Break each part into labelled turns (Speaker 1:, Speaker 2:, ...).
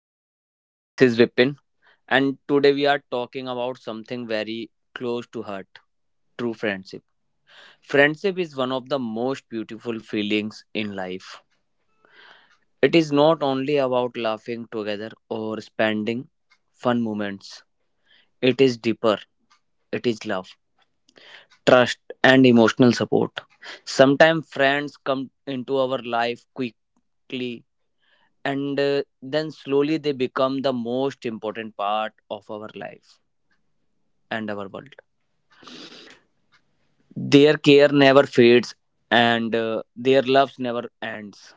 Speaker 1: everyone, this is Vipin, and today we are talking about something very close to heart true friendship. Friendship is one of the most beautiful feelings in life. It is not only about laughing together or spending fun moments, it is deeper. It is love, trust, and emotional support. Sometimes friends come into our life quickly and then slowly they become the most important part of our life and our world. Their care never fades and their love never ends.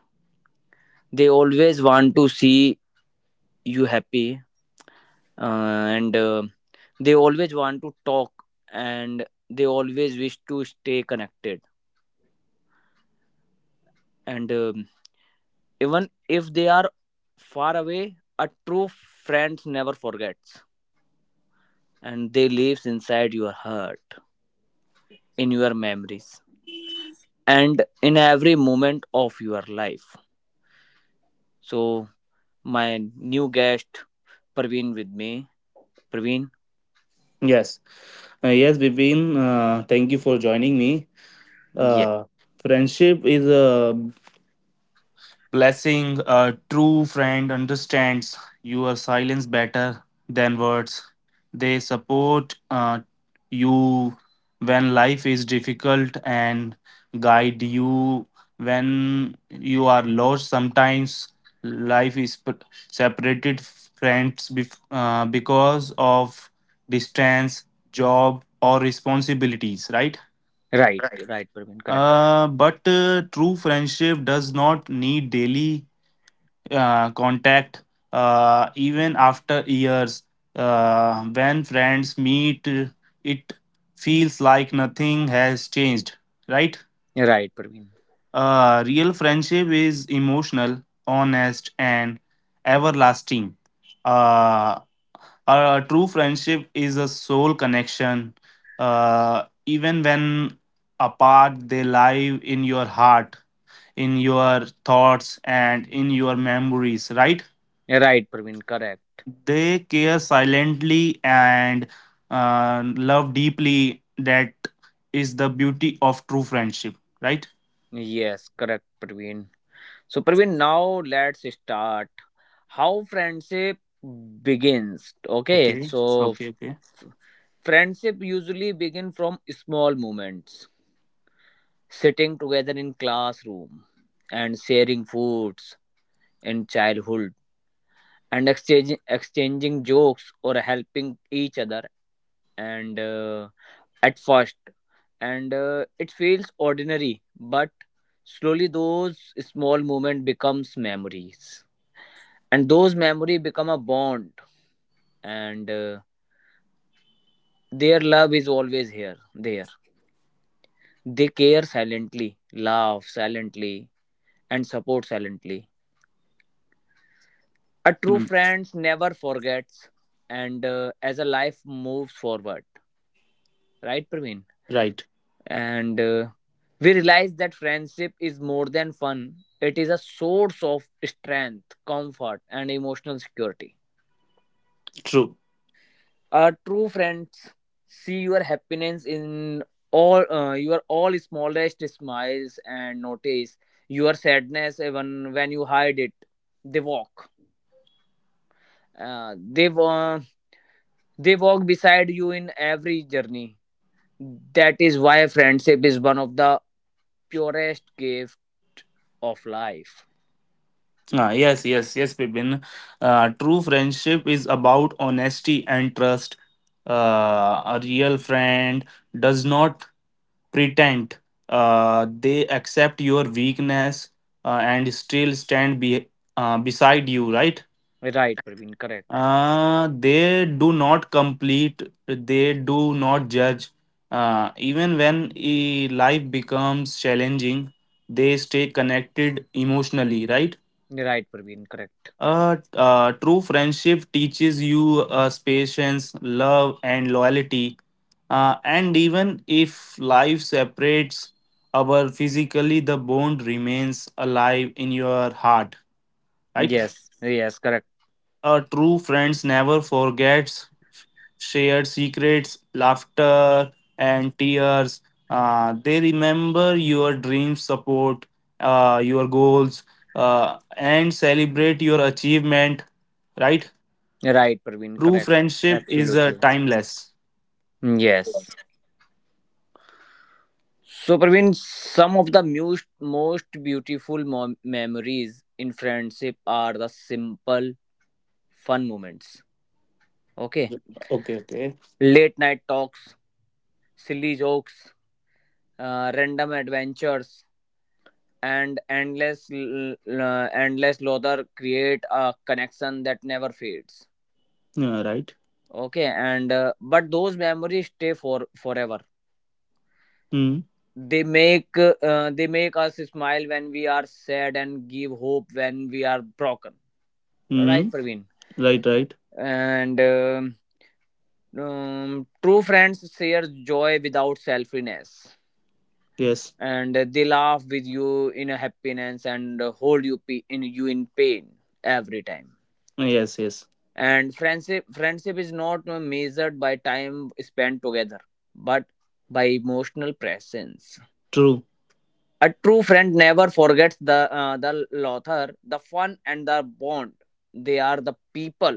Speaker 1: They always want to see you happy, uh, and they always want to talk and they always wish to stay connected. And even if they are far away, a true friend never forgets and they lives inside your heart, in your memories, and in every moment of your life. So, my new guest Praveen with me. Praveen?
Speaker 2: Yes, yes, Bipin. Thank you for joining me.
Speaker 1: Yeah.
Speaker 2: Uh, Friendship is a blessing. A true friend understands your silence better than words. They support you when life is difficult and guide you when you are lost. Sometimes life is p- separated friends because of distance, job, or responsibilities, right?
Speaker 1: Right,
Speaker 2: Right.
Speaker 1: right, Praveen, correct.
Speaker 2: But true friendship does not need daily contact even after years. When friends meet, it feels like nothing has changed, right?
Speaker 1: Right, Praveen.
Speaker 2: Real friendship is emotional, honest, and everlasting. Uh, a true friendship is a soul connection. Even when apart, they lie in your heart, in your thoughts, and in your memories, right?
Speaker 1: Right, Praveen, correct.
Speaker 2: They care silently and love deeply. That is the beauty of true friendship, right?
Speaker 1: Yes, correct, Praveen. So, Praveen, now let's start how friendship begins. Okay,
Speaker 2: Okay,
Speaker 1: so
Speaker 2: okay, okay.
Speaker 1: friendship usually begin from small moments, sitting together in classroom and sharing foods in childhood and exchanging jokes or helping each other and, at first, and it feels ordinary, but slowly those small moments becomes memories and those memory become a bond. And their love is always here there, they care silently, laugh silently, and support silently. A true
Speaker 2: Hmm,
Speaker 1: friend never forgets, and as a life moves forward, right, Praveen?
Speaker 2: right,
Speaker 1: And we realize that friendship is more than fun, it is a source of strength, comfort, and emotional security.
Speaker 2: true.
Speaker 1: Our true friends see your happiness in all, your all smallest smiles, and notice your sadness even when you hide it. They walk uh, they wa- they walk beside you in every journey. That is why friendship is one of the purest gift of life.
Speaker 2: Ah, yes, yes, yes, Pipin. True friendship is about honesty and trust. A real friend does not pretend. They accept your weakness, and still beside you, right?
Speaker 1: Right, Praveen, correct.
Speaker 2: They do not complete, they do not judge, even when life becomes challenging. They stay connected emotionally, right?
Speaker 1: Right, Praveen, correct.
Speaker 2: True friendship teaches you patience, love, and loyalty, and even if life separates our physically, the bond remains alive in your heart, right?
Speaker 1: Yes, yes, correct.
Speaker 2: A true friends never forgets shared secrets, laughter, and tears. They remember your dreams, support your goals, and celebrate your achievement. Right?
Speaker 1: Right, Praveen,
Speaker 2: True
Speaker 1: correct.
Speaker 2: friendship is
Speaker 1: Absolutely.
Speaker 2: timeless.
Speaker 1: Yes. So, Praveen, some of the most beautiful memories in friendship are the simple, fun moments. Okay.
Speaker 2: Okay, okay.
Speaker 1: Late night talks, silly jokes, random adventures, and endless laughter create a connection that never fades.
Speaker 2: Yeah, right.
Speaker 1: Okay, and but those memories stay for forever.
Speaker 2: Hmm.
Speaker 1: They make us smile when we are sad and give hope when we are broken. Right,
Speaker 2: Hmm.
Speaker 1: Praveen?
Speaker 2: Right, right.
Speaker 1: And true friends share joy without selfishness,
Speaker 2: Yes.
Speaker 1: and they laugh with you in a happiness and hold you in you in pain every time.
Speaker 2: Yes, yes.
Speaker 1: And friendship is not measured by time spent together, but by emotional presence.
Speaker 2: True.
Speaker 1: A true friend never forgets the laughter, the fun, and the bond. They are the people,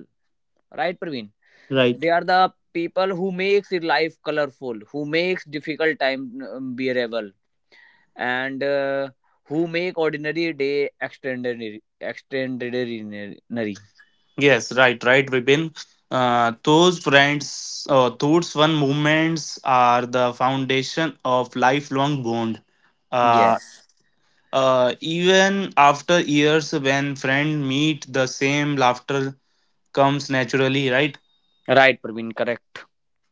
Speaker 1: right, Praveen?
Speaker 2: Right.
Speaker 1: They are the people who makes your life colorful, who makes difficult time, bearable, and who make ordinary day Extraordinary.
Speaker 2: Yes, right, right, Vipin. Those those fun moments are the foundation of lifelong bond. Uh,
Speaker 1: Yes.
Speaker 2: Even after years, when friend meet, the same laughter comes naturally, right?
Speaker 1: Right, Praveen. Correct.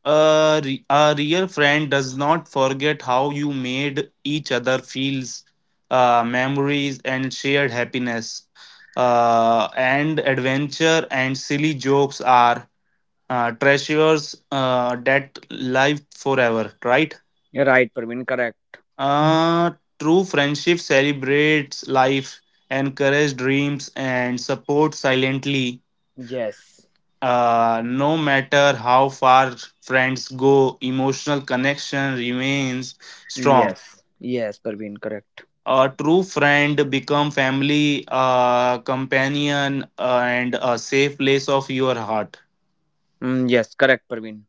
Speaker 2: A real friend does not forget how you made each other feels, memories, and shared happiness. And adventure and silly jokes are treasures that life forever, right?
Speaker 1: Right, Praveen. Correct.
Speaker 2: Uh, True friendship celebrates life, encourages dreams, and supports silently.
Speaker 1: Yes.
Speaker 2: No matter how far friends go, emotional connection remains strong.
Speaker 1: Yes. Yes, Praveen. Correct.
Speaker 2: A true friend become family, companion, and a safe place of your heart.
Speaker 1: Mm, yes, correct, Praveen.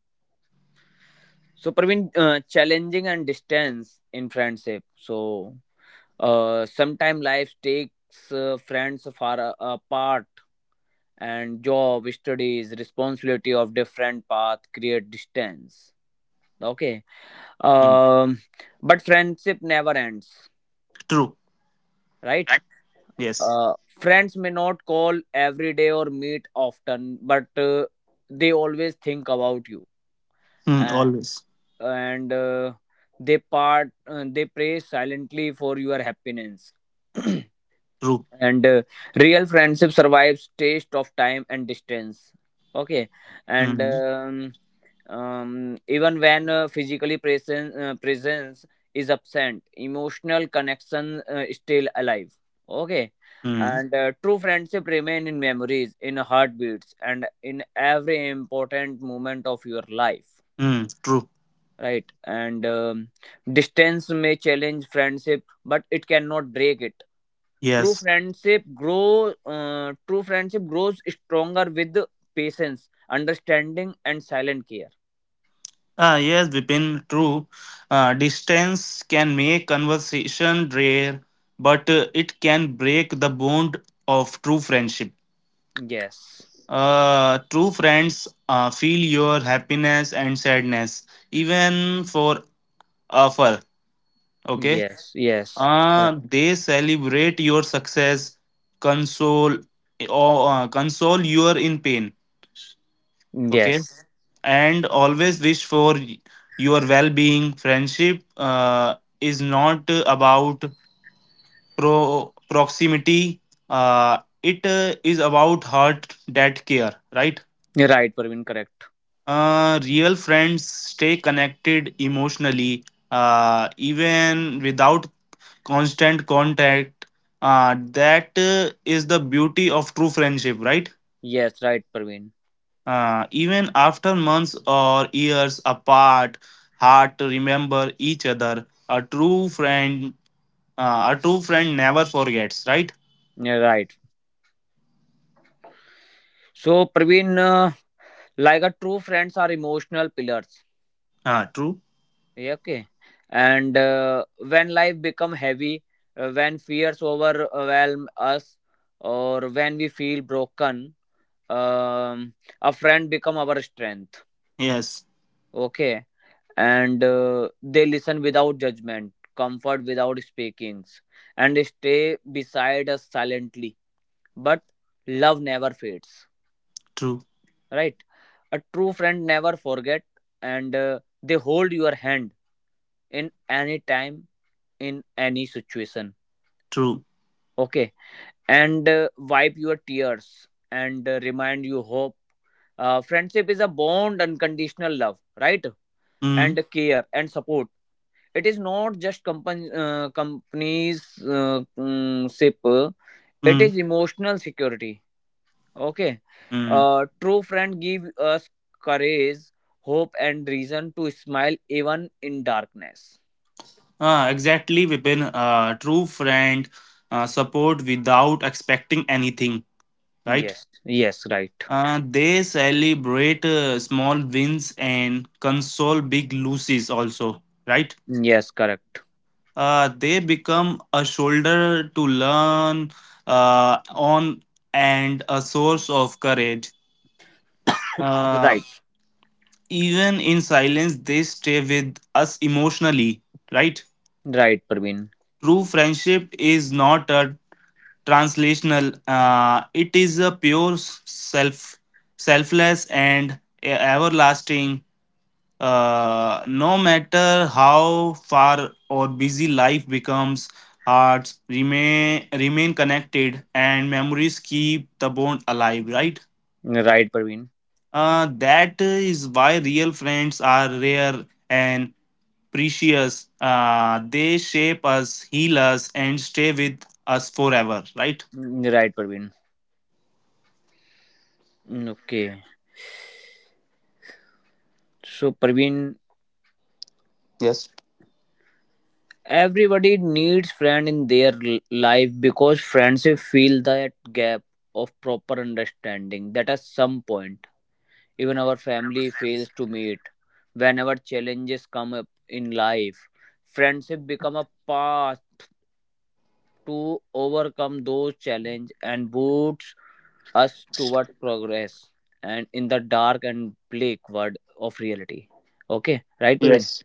Speaker 1: So, Praveen, challenging and distance in friendship. So, sometimes life takes, friends far apart, and job, studies, responsibility of different path create distance. Okay,
Speaker 2: Mm.
Speaker 1: um, but friendship never ends,
Speaker 2: True.
Speaker 1: right?
Speaker 2: Right. Yes.
Speaker 1: Friends may not call every day or meet often, but they always think about you.
Speaker 2: Mm,
Speaker 1: and.
Speaker 2: always.
Speaker 1: And they pray silently for your happiness
Speaker 2: True.
Speaker 1: and real friendship survives taste of time and distance. Okay, and
Speaker 2: Mm.
Speaker 1: even when, physically presence is absent, emotional connection is still alive. Okay,
Speaker 2: Mm.
Speaker 1: and true friendship remain in memories, in heartbeats, and in every important moment of your life,
Speaker 2: Mm, true.
Speaker 1: right? And distance may challenge friendship but it cannot break it. true
Speaker 2: Yes.
Speaker 1: friendship grow uh, true friendship grows stronger with patience, understanding, and silent care.
Speaker 2: Ah, yes, Vipin, true. Distance can make conversation rare, but it can break the bond of true friendship.
Speaker 1: Yes.
Speaker 2: True friends feel your happiness and sadness, even for afar. Okay.
Speaker 1: Yes. Yes.
Speaker 2: They celebrate your success, console eh, or console you in pain. Okay,
Speaker 1: Yes.
Speaker 2: and always wish for your well-being. Friendship is not about proximity. It is about heart that care, right?
Speaker 1: You're right, Praveen, correct.
Speaker 2: Real friends stay connected emotionally, even without constant contact. That is the beauty of true friendship, right?
Speaker 1: Yes, right, Praveen.
Speaker 2: Even after months or years apart, hard to remember each other. A true friend never forgets, right?
Speaker 1: You're right. So, Praveen, like a true friends are emotional pillars.
Speaker 2: Ah, true.
Speaker 1: Yeah, okay, and when life become heavy, when fears overwhelm us or when we feel broken, um, a friend become our strength.
Speaker 2: Yes,
Speaker 1: Okay, and they listen without judgment, comfort without speakings, and stay beside us silently, but love never fades,
Speaker 2: true,
Speaker 1: right? A true friend never forget, and they hold your hand in any time, in any situation.
Speaker 2: true.
Speaker 1: Okay, and wipe your tears, and remind you hope. Friendship is a bond, unconditional love, right?
Speaker 2: Mm,
Speaker 1: And care and support. It is not just company, companies, ship, it
Speaker 2: mm,
Speaker 1: is emotional security. Okay.
Speaker 2: mm.
Speaker 1: True friend give us courage, hope, and reason to smile even in darkness.
Speaker 2: Ah, exactly, Vipin. A true friend support without expecting anything, right?
Speaker 1: Yes. Yes, right.
Speaker 2: They celebrate small wins and console big losses also, right?
Speaker 1: Yes, correct,
Speaker 2: They become a shoulder to learn on and a source of courage. Uh,
Speaker 1: right,
Speaker 2: Even in silence, they stay with us emotionally, right?
Speaker 1: right, Praveen.
Speaker 2: True friendship is not a translational, it is a pure self, selfless, and everlasting. No matter how far or busy life becomes, hearts remain connected, and memories keep the bond alive. Right?
Speaker 1: Right, Parveen.
Speaker 2: That is why real friends are rare and precious. They shape us, heal us, and stay with us forever. Right?
Speaker 1: Mm, right, Parveen. Mm, okay. So, Parveen,
Speaker 2: Yes.
Speaker 1: everybody needs friend in their life, because friendship fill that gap of proper understanding that at some point even our family fails to meet. Whenever challenges come up in life, friendship become a path to overcome those challenges and boosts us toward progress and in the dark and bleak world of reality. Okay, right, Praveen?
Speaker 2: Yes.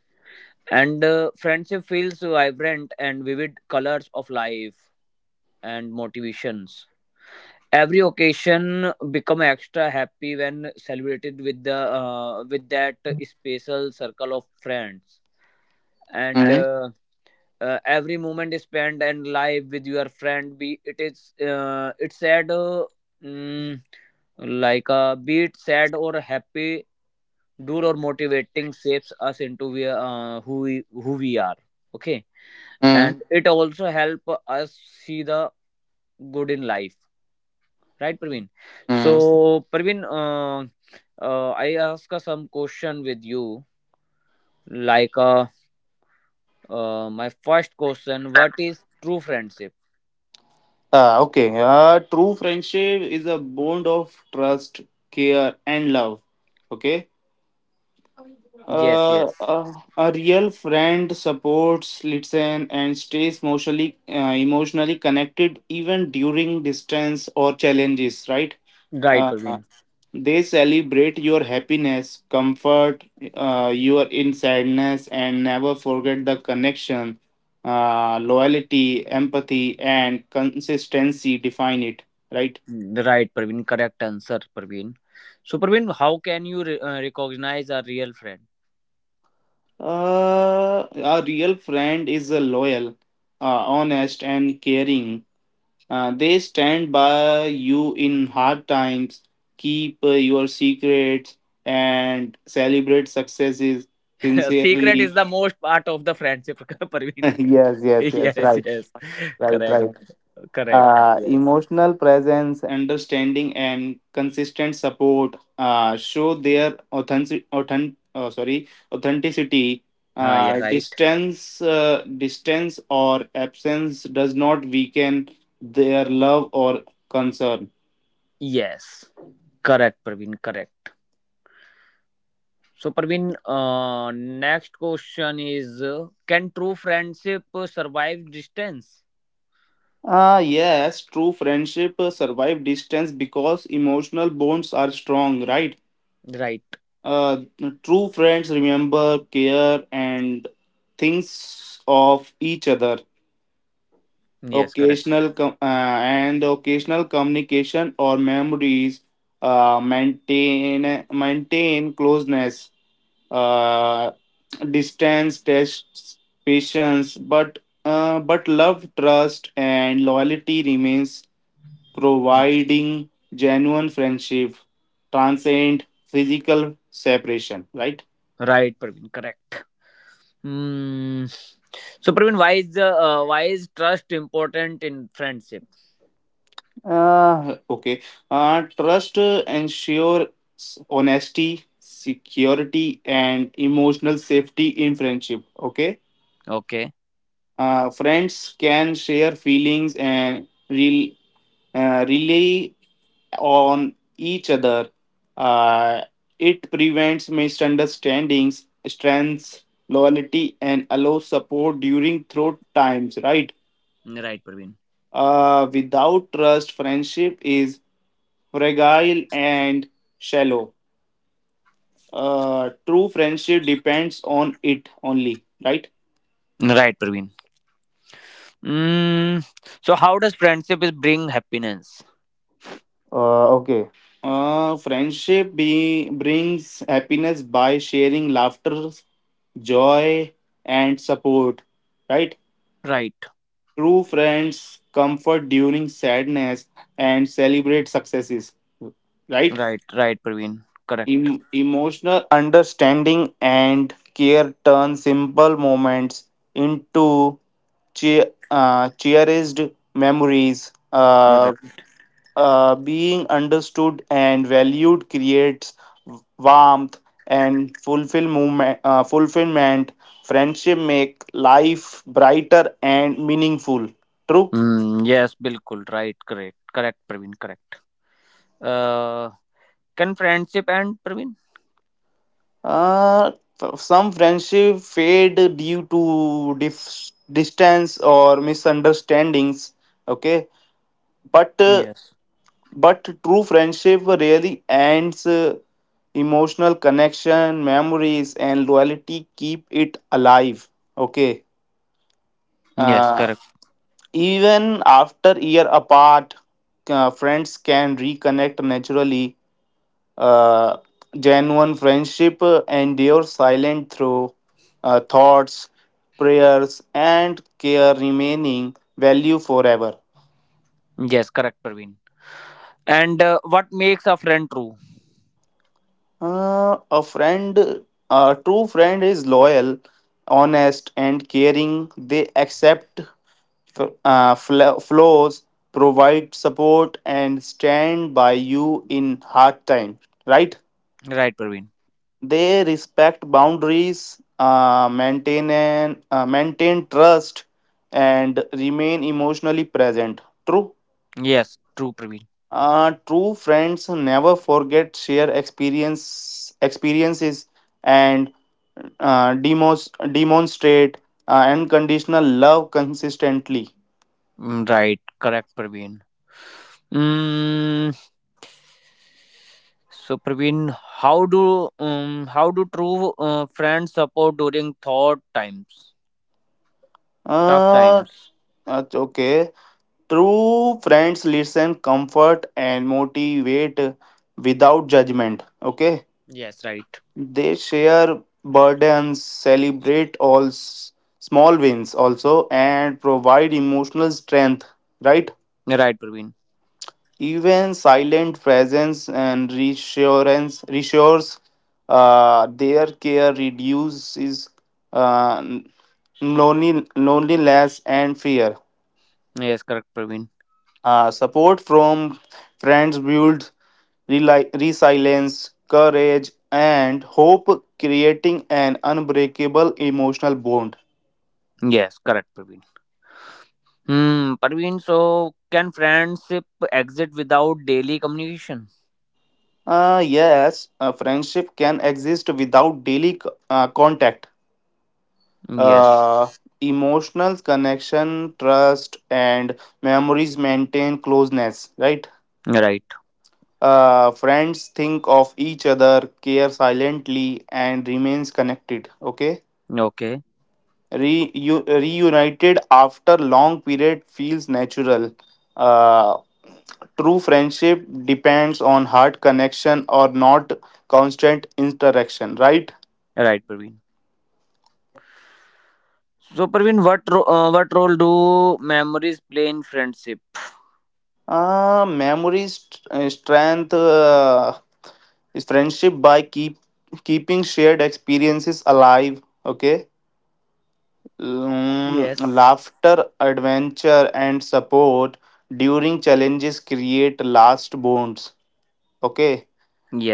Speaker 1: And friendship feels vibrant and vivid colors of life and motivations. Every occasion become extra happy when celebrated with the with that special circle of friends. And
Speaker 2: Mm-hmm.
Speaker 1: uh, uh, every moment is spent and live with your friend, be it is, it's sad, mm, like, be it sad or happy, dual or motivating, shapes us into who we are. Okay, and it also help us see the good in life, right, Praveen? So, Praveen, I ask, some question with you, like, my first question, what is true friendship?
Speaker 2: Ah, okay. True friendship is a bond of trust, care, and love. Okay.
Speaker 1: Yes. Yes.
Speaker 2: A real friend supports, listens, and stays emotionally, emotionally connected even during distance or challenges. Right?
Speaker 1: Right,
Speaker 2: Uh,
Speaker 1: Parveen.
Speaker 2: they celebrate your happiness, comfort your in sadness, and never forget the connection, loyalty, empathy, and consistency define it. Right?
Speaker 1: Mm, right, Parveen. Correct answer, Parveen. So, Parveen, how can you recognize a real friend?
Speaker 2: A real friend is a loyal, honest, and caring. They stand by you in hard times, keep your secrets, and celebrate successes
Speaker 1: Secret
Speaker 2: sincerely.
Speaker 1: is the most part of the friendship, Parveen.
Speaker 2: Yes, yes, yes,
Speaker 1: Yes,
Speaker 2: right,
Speaker 1: yes.
Speaker 2: right,
Speaker 1: Correct,
Speaker 2: right.
Speaker 1: correct. Yes.
Speaker 2: Emotional presence, understanding, and consistent support show their authentic, authenticity.
Speaker 1: Yeah,
Speaker 2: Uh,
Speaker 1: right.
Speaker 2: distance, uh, distance or absence does not weaken their love or concern.
Speaker 1: Yes. Correct, Parveen. Correct. So, Parveen, next question is, can true friendship survive distance?
Speaker 2: Ah, yes, true friendship survive distance because emotional bonds are strong, right?
Speaker 1: Right.
Speaker 2: Uh, True friends remember, care, and things of each other.
Speaker 1: Yes, correct.
Speaker 2: Occasional com- uh, Occasional communication or memories maintain closeness. Uh, Distance tests patience, but love, trust, and loyalty remains, providing genuine friendship transcend physical separation, right?
Speaker 1: Right, Parveen. Correct. Hmm. So, Praveen, why is trust important in friendship?
Speaker 2: uh, okay. Trust ensures honesty, security, and emotional safety in friendship, okay?
Speaker 1: Okay,
Speaker 2: Friends can share feelings and relay on each other. Uh, it prevents misunderstandings, strengths loyalty, and allows support during through times. Right?
Speaker 1: right, Praveen.
Speaker 2: Without trust, friendship is fragile and shallow. True friendship depends on it only. Right?
Speaker 1: Right, Praveen. Mm. So how does friendship is bring happiness?
Speaker 2: Okay. Friendship brings happiness by sharing laughter, joy, and support. Right?
Speaker 1: Right,
Speaker 2: True friends comfort during sadness and celebrate successes. Right?
Speaker 1: right, right, Praveen. Correct.
Speaker 2: Emotional understanding and care turn simple moments into cherished memories.
Speaker 1: Right.
Speaker 2: Being understood and valued creates warmth and fulfillment. Fulfillment. Friendship make life brighter and meaningful. True.
Speaker 1: Mm, yes, bilkul. Right, correct, correct, Praveen. Correct. Uh, can friendship end, Praveen?
Speaker 2: Uh, some friendship fade due to distance or misunderstandings. Okay, but uh,
Speaker 1: Yes.
Speaker 2: But true friendship really ends. Emotional connection, memories, and loyalty keep it alive. Okay.
Speaker 1: Yes,
Speaker 2: Uh,
Speaker 1: correct.
Speaker 2: Even after year apart, friends can reconnect naturally. Uh, Genuine friendship endures silent through thoughts, prayers, and care remaining value forever.
Speaker 1: Yes, correct, Praveen. And what makes a friend true?
Speaker 2: Uh, a friend, a true friend is loyal, honest, and caring. They accept flaws, provide support, and stand by you in hard times. Right?
Speaker 1: Right, Praveen.
Speaker 2: They respect boundaries, maintain trust, and remain emotionally present. True.
Speaker 1: Yes, true, Praveen.
Speaker 2: True friends never forget share experiences and demonstrate unconditional love consistently.
Speaker 1: Mm, right, correct, Praveen. Mm, so, Praveen, how do true, friends support during tough
Speaker 2: Uh,
Speaker 1: times?
Speaker 2: that's okay. True friends listen, comfort, and motivate without judgment. Okay,
Speaker 1: Yes, right.
Speaker 2: they share burdens, celebrate small wins also, and provide emotional strength. Right?
Speaker 1: Right, Praveen.
Speaker 2: Even silent presence and reassurance reassures, their care reduces uh, loneliness and fear.
Speaker 1: Yes, correct, Praveen.
Speaker 2: Support from friends builds resilience, courage, and hope, creating an unbreakable emotional bond.
Speaker 1: Yes, correct, Praveen. Hmm, Praveen. So, can friendship exit without daily communication?
Speaker 2: Yes, a friendship can exist without daily contact. Uh,
Speaker 1: Yes.
Speaker 2: Emotional connection, trust, and memories maintain closeness, right?
Speaker 1: Right.
Speaker 2: Friends think of each other, care silently, and remains connected. Okay,
Speaker 1: Okay.
Speaker 2: Reunited after long period feels natural. Uh, True friendship depends on heart connection or not constant interaction, right?
Speaker 1: Right, Praveen. So, Praveen, what role do memories play in friendship?
Speaker 2: Memories, is friendship by keeping shared experiences alive. Okay, mm,
Speaker 1: Yes.
Speaker 2: laughter, adventure, and support during challenges create last bonds. Okay,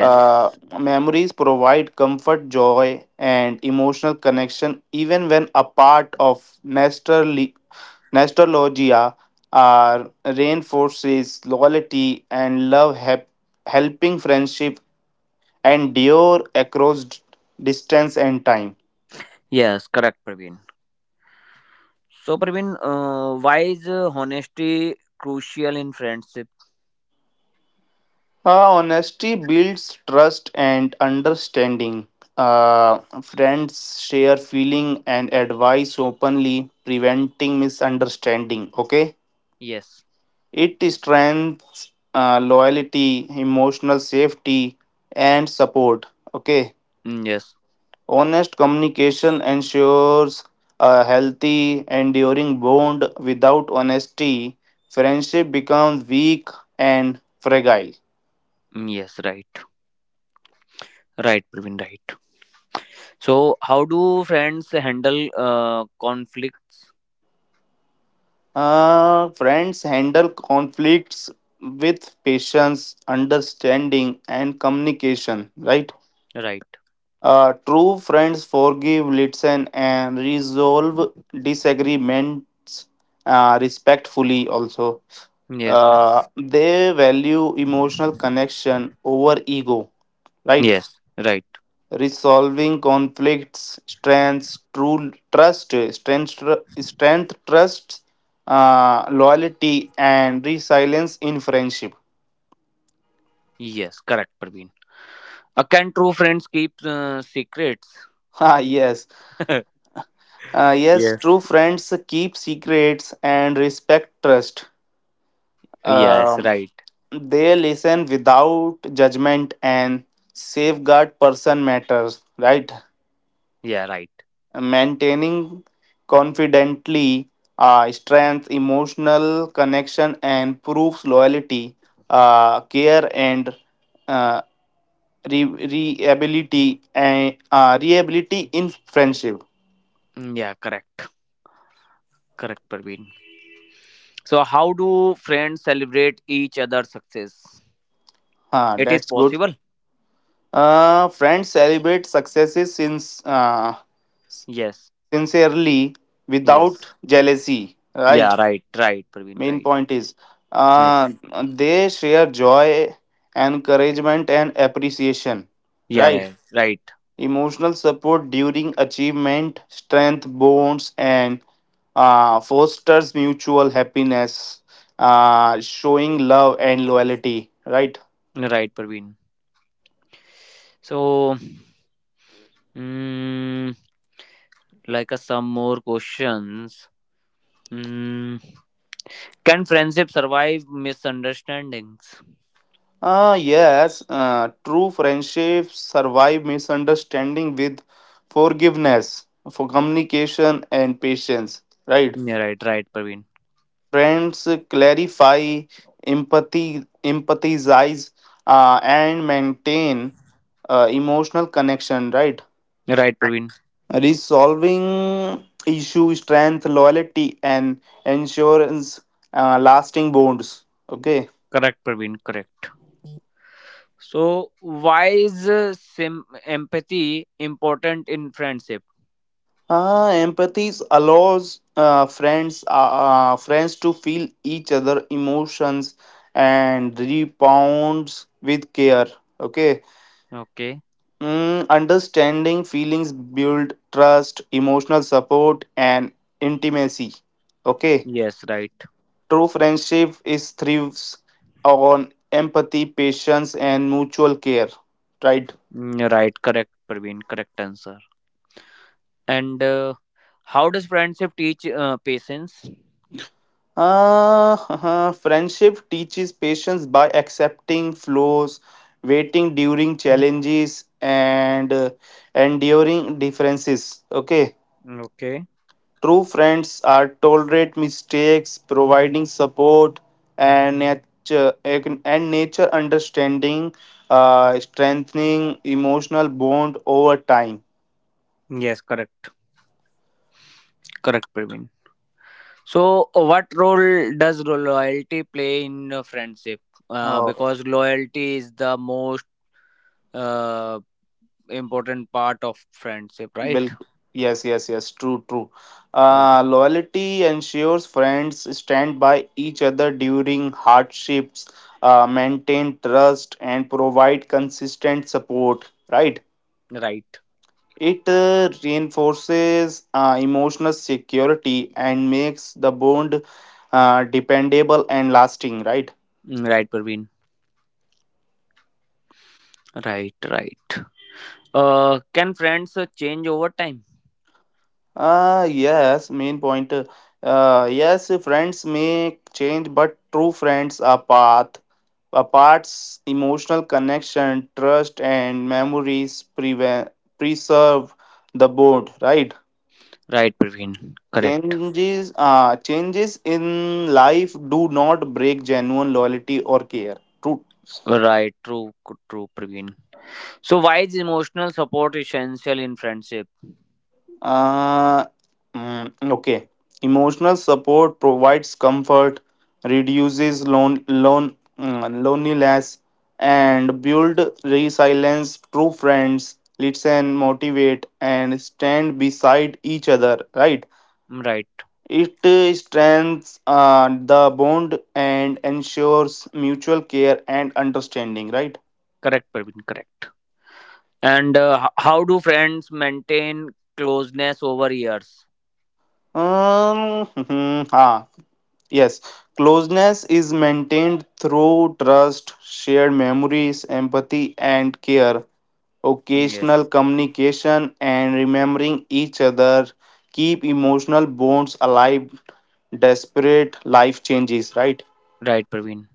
Speaker 2: uh, memories provide comfort, joy, and emotional connection even when a part of nostalgia are reinforces loyalty and love, helping friendship endure across distance and time.
Speaker 1: yes, correct, Praveen. So, Praveen, why is, honesty crucial in friendship?
Speaker 2: Honesty builds trust and understanding. Friends share feeling and advice openly, preventing misunderstanding. Okay.
Speaker 1: Yes,
Speaker 2: It strengthens loyalty, emotional safety, and support. Okay,
Speaker 1: mm, yes,
Speaker 2: honest communication ensures a healthy, enduring bond. Without honesty, friendship becomes weak and fragile.
Speaker 1: mm, yes, right, right, Praveen, right. So, how do friends handle, conflicts?
Speaker 2: Friends handle conflicts with patience, understanding, and communication, right?
Speaker 1: Right,
Speaker 2: True friends forgive, listen, and resolve disagreements respectfully, also.
Speaker 1: yes,
Speaker 2: They value emotional connection over ego, right?
Speaker 1: yes, right,
Speaker 2: Resolving conflicts, strengths, true trust, strength, tr- strength trust, loyalty, and resilience in friendship.
Speaker 1: yes, correct, Praveen. Can true friends keep, secrets?
Speaker 2: Ah, yes, yes,
Speaker 1: Yes.
Speaker 2: true friends keep secrets and respect trust.
Speaker 1: Yes,
Speaker 2: Um,
Speaker 1: right,
Speaker 2: they listen without judgment and safeguard person matters, right?
Speaker 1: yeah, right.
Speaker 2: Maintaining confidently, strength, emotional connection, and proves loyalty, care, and uh, reliability in friendship.
Speaker 1: Mm, yeah, correct, correct, Praveen. So, how do friends celebrate each other's success?
Speaker 2: Huh,
Speaker 1: It is
Speaker 2: that's good.
Speaker 1: possible.
Speaker 2: Friends celebrate successes
Speaker 1: Yes.
Speaker 2: sincerely
Speaker 1: Yes.
Speaker 2: without jealousy,
Speaker 1: Yeah.
Speaker 2: right?
Speaker 1: Right. Right. Praveen.
Speaker 2: Main
Speaker 1: Right.
Speaker 2: point is, uh,
Speaker 1: Yes.
Speaker 2: they share joy, encouragement, and appreciation,
Speaker 1: Yeah.
Speaker 2: right?
Speaker 1: Right. Right.
Speaker 2: Emotional support during achievement strength bonds and fosters mutual happiness, showing love and loyalty, right?
Speaker 1: Right. Praveen. So, mm, like, some more questions. Mm, can friendship survive misunderstandings?
Speaker 2: Ah, yes, true friendships survive misunderstanding with forgiveness for communication and patience, right?
Speaker 1: Yeah. Right. Right. Praveen.
Speaker 2: Trends clarify, empathize, and maintain emotional connection. Right,
Speaker 1: Right. Praveen.
Speaker 2: resolving issue, strength, loyalty, and insurance lasting bonds. Okay.
Speaker 1: Correct, Praveen. Correct. So, why is, empathy important in friendship?
Speaker 2: Empathy allows friends to feel each other emotions and rebounds with care. Okay,
Speaker 1: Okay.
Speaker 2: mm, understanding feelings build trust, emotional support, and intimacy. Okay,
Speaker 1: Yes, right.
Speaker 2: true friendship is thrives on empathy, patience, and mutual care. Right.
Speaker 1: Mm, right. Correct, Praveen. Correct answer. And how does friendship teach, patience?
Speaker 2: Friendship teaches patience by accepting flaws, waiting during challenges, and enduring differences. Okay.
Speaker 1: Mm, okay.
Speaker 2: True friends are tolerate mistakes, providing support and nature understanding, strengthening emotional bond over time.
Speaker 1: Yes, correct. Correct, Praveen. So, what role does loyalty play in, friendship? Uh,
Speaker 2: Oh,
Speaker 1: because loyalty is the most, uh, important part of friendship, right?
Speaker 2: Bill, yes, yes, yes, true, true.
Speaker 1: Uh,
Speaker 2: Loyalty ensures friends stand by each other during hardships, maintain trust, and provide consistent support. Right.
Speaker 1: right.
Speaker 2: It reinforces emotional security and makes the bond dependable and lasting, right?
Speaker 1: Mm, right, Praveen. Right, right. Can friends, change over time?
Speaker 2: Yes, main point. Yes, friends may change, but true friends are path. Apart's emotional connection, trust, and memories preserve the bond, right?
Speaker 1: Right, Praveen. Correct.
Speaker 2: Changes in life do not break genuine loyalty or care. True.
Speaker 1: Right, true, true, Praveen. So, why is emotional support essential in friendship?
Speaker 2: Uh, okay. Emotional support provides comfort, reduces loneliness, and build resilience. True friends listen, motivate, and stand beside each other. Right.
Speaker 1: Mm, right,
Speaker 2: It strengthens the bond and ensures mutual care and understanding. Right.
Speaker 1: correct, Praveen, correct. And how do friends maintain closeness over years?
Speaker 2: Um, ha. Yes, closeness is maintained through trust, shared memories, empathy, and care.
Speaker 1: Mm, yes,
Speaker 2: Occasional communication and remembering each other keep emotional bonds alive. Desperate life changes, right?
Speaker 1: right, Praveen.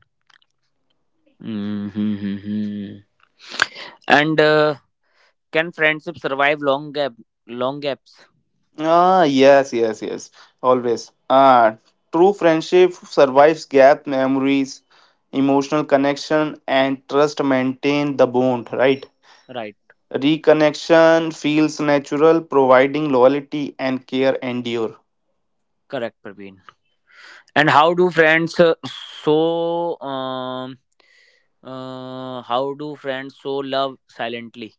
Speaker 1: Mm-hmm. And can friendship survive long gaps?
Speaker 2: Ah, yes, yes, yes. Always. Ah, true friendship survives gap memories, emotional connection, and trust maintain the bond, right?
Speaker 1: Right,
Speaker 2: Reconnection feels natural, providing loyalty and care endure.
Speaker 1: correct, Praveen. And so um how do friends so love silently?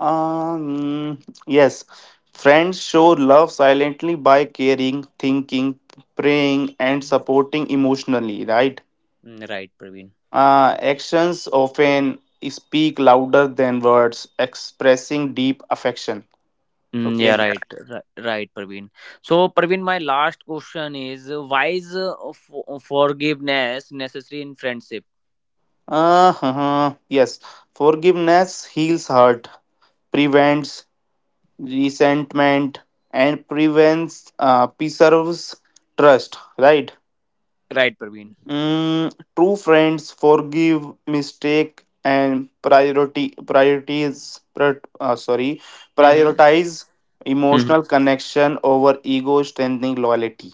Speaker 2: Um, yes, friends show love silently by caring, thinking, praying, and supporting emotionally, right?
Speaker 1: Mm, right, Praveen.
Speaker 2: Actions often speak louder than words, expressing deep affection.
Speaker 1: Mm,
Speaker 2: Okay.
Speaker 1: yeah,
Speaker 2: Yeah.
Speaker 1: right, right, right, Praveen. So, Praveen, my last question is, why is, forgiveness necessary in friendship?
Speaker 2: Huh. Yes, forgiveness heals hurt, prevents resentment and prevents preserves trust, right?
Speaker 1: Right, Praveen.
Speaker 2: Mm, true friends forgive mistake and priority priorities pri- sorry
Speaker 1: Mm-hmm.
Speaker 2: prioritize emotional
Speaker 1: Mm-hmm.
Speaker 2: connection over ego strengthening loyalty.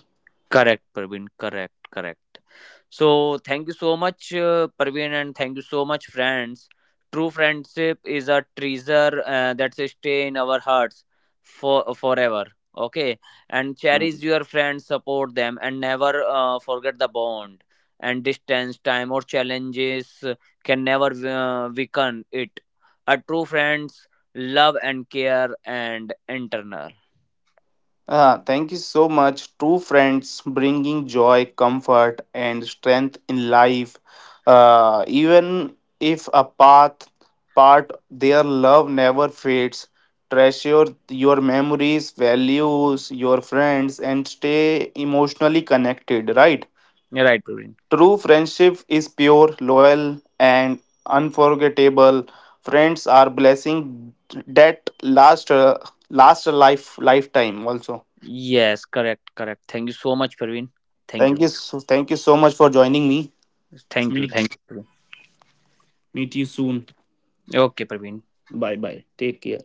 Speaker 1: Correct, Praveen. Correct, correct. So, thank you so much, Praveen, and thank you so much, friends. True friendship is a treasure that stay in our hearts for forever. Okay, and
Speaker 2: Hmm.
Speaker 1: cherish your friends, support them, and never, forget the bond. And distance, time, or challenges, can never, weaken it. A true friends love and care and internal.
Speaker 2: Ah, thank you so much. True friends bringing joy, comfort, and strength in life. Even if a path part their love never fades. Treasure your memories, values, your friends, and stay emotionally connected. Right?
Speaker 1: You're right, Praveen.
Speaker 2: True friendship is pure, loyal, and unforgettable. Friends are blessing that last life lifetime also.
Speaker 1: Yes, correct, correct. Thank you so much, Praveen. Thank
Speaker 2: Thank
Speaker 1: you.
Speaker 2: you. So, thank you so much for joining me.
Speaker 1: Thank you.
Speaker 2: Meet
Speaker 1: Thank you. Praveen.
Speaker 2: Meet you soon.
Speaker 1: Okay, Praveen.
Speaker 2: Bye bye. Take care.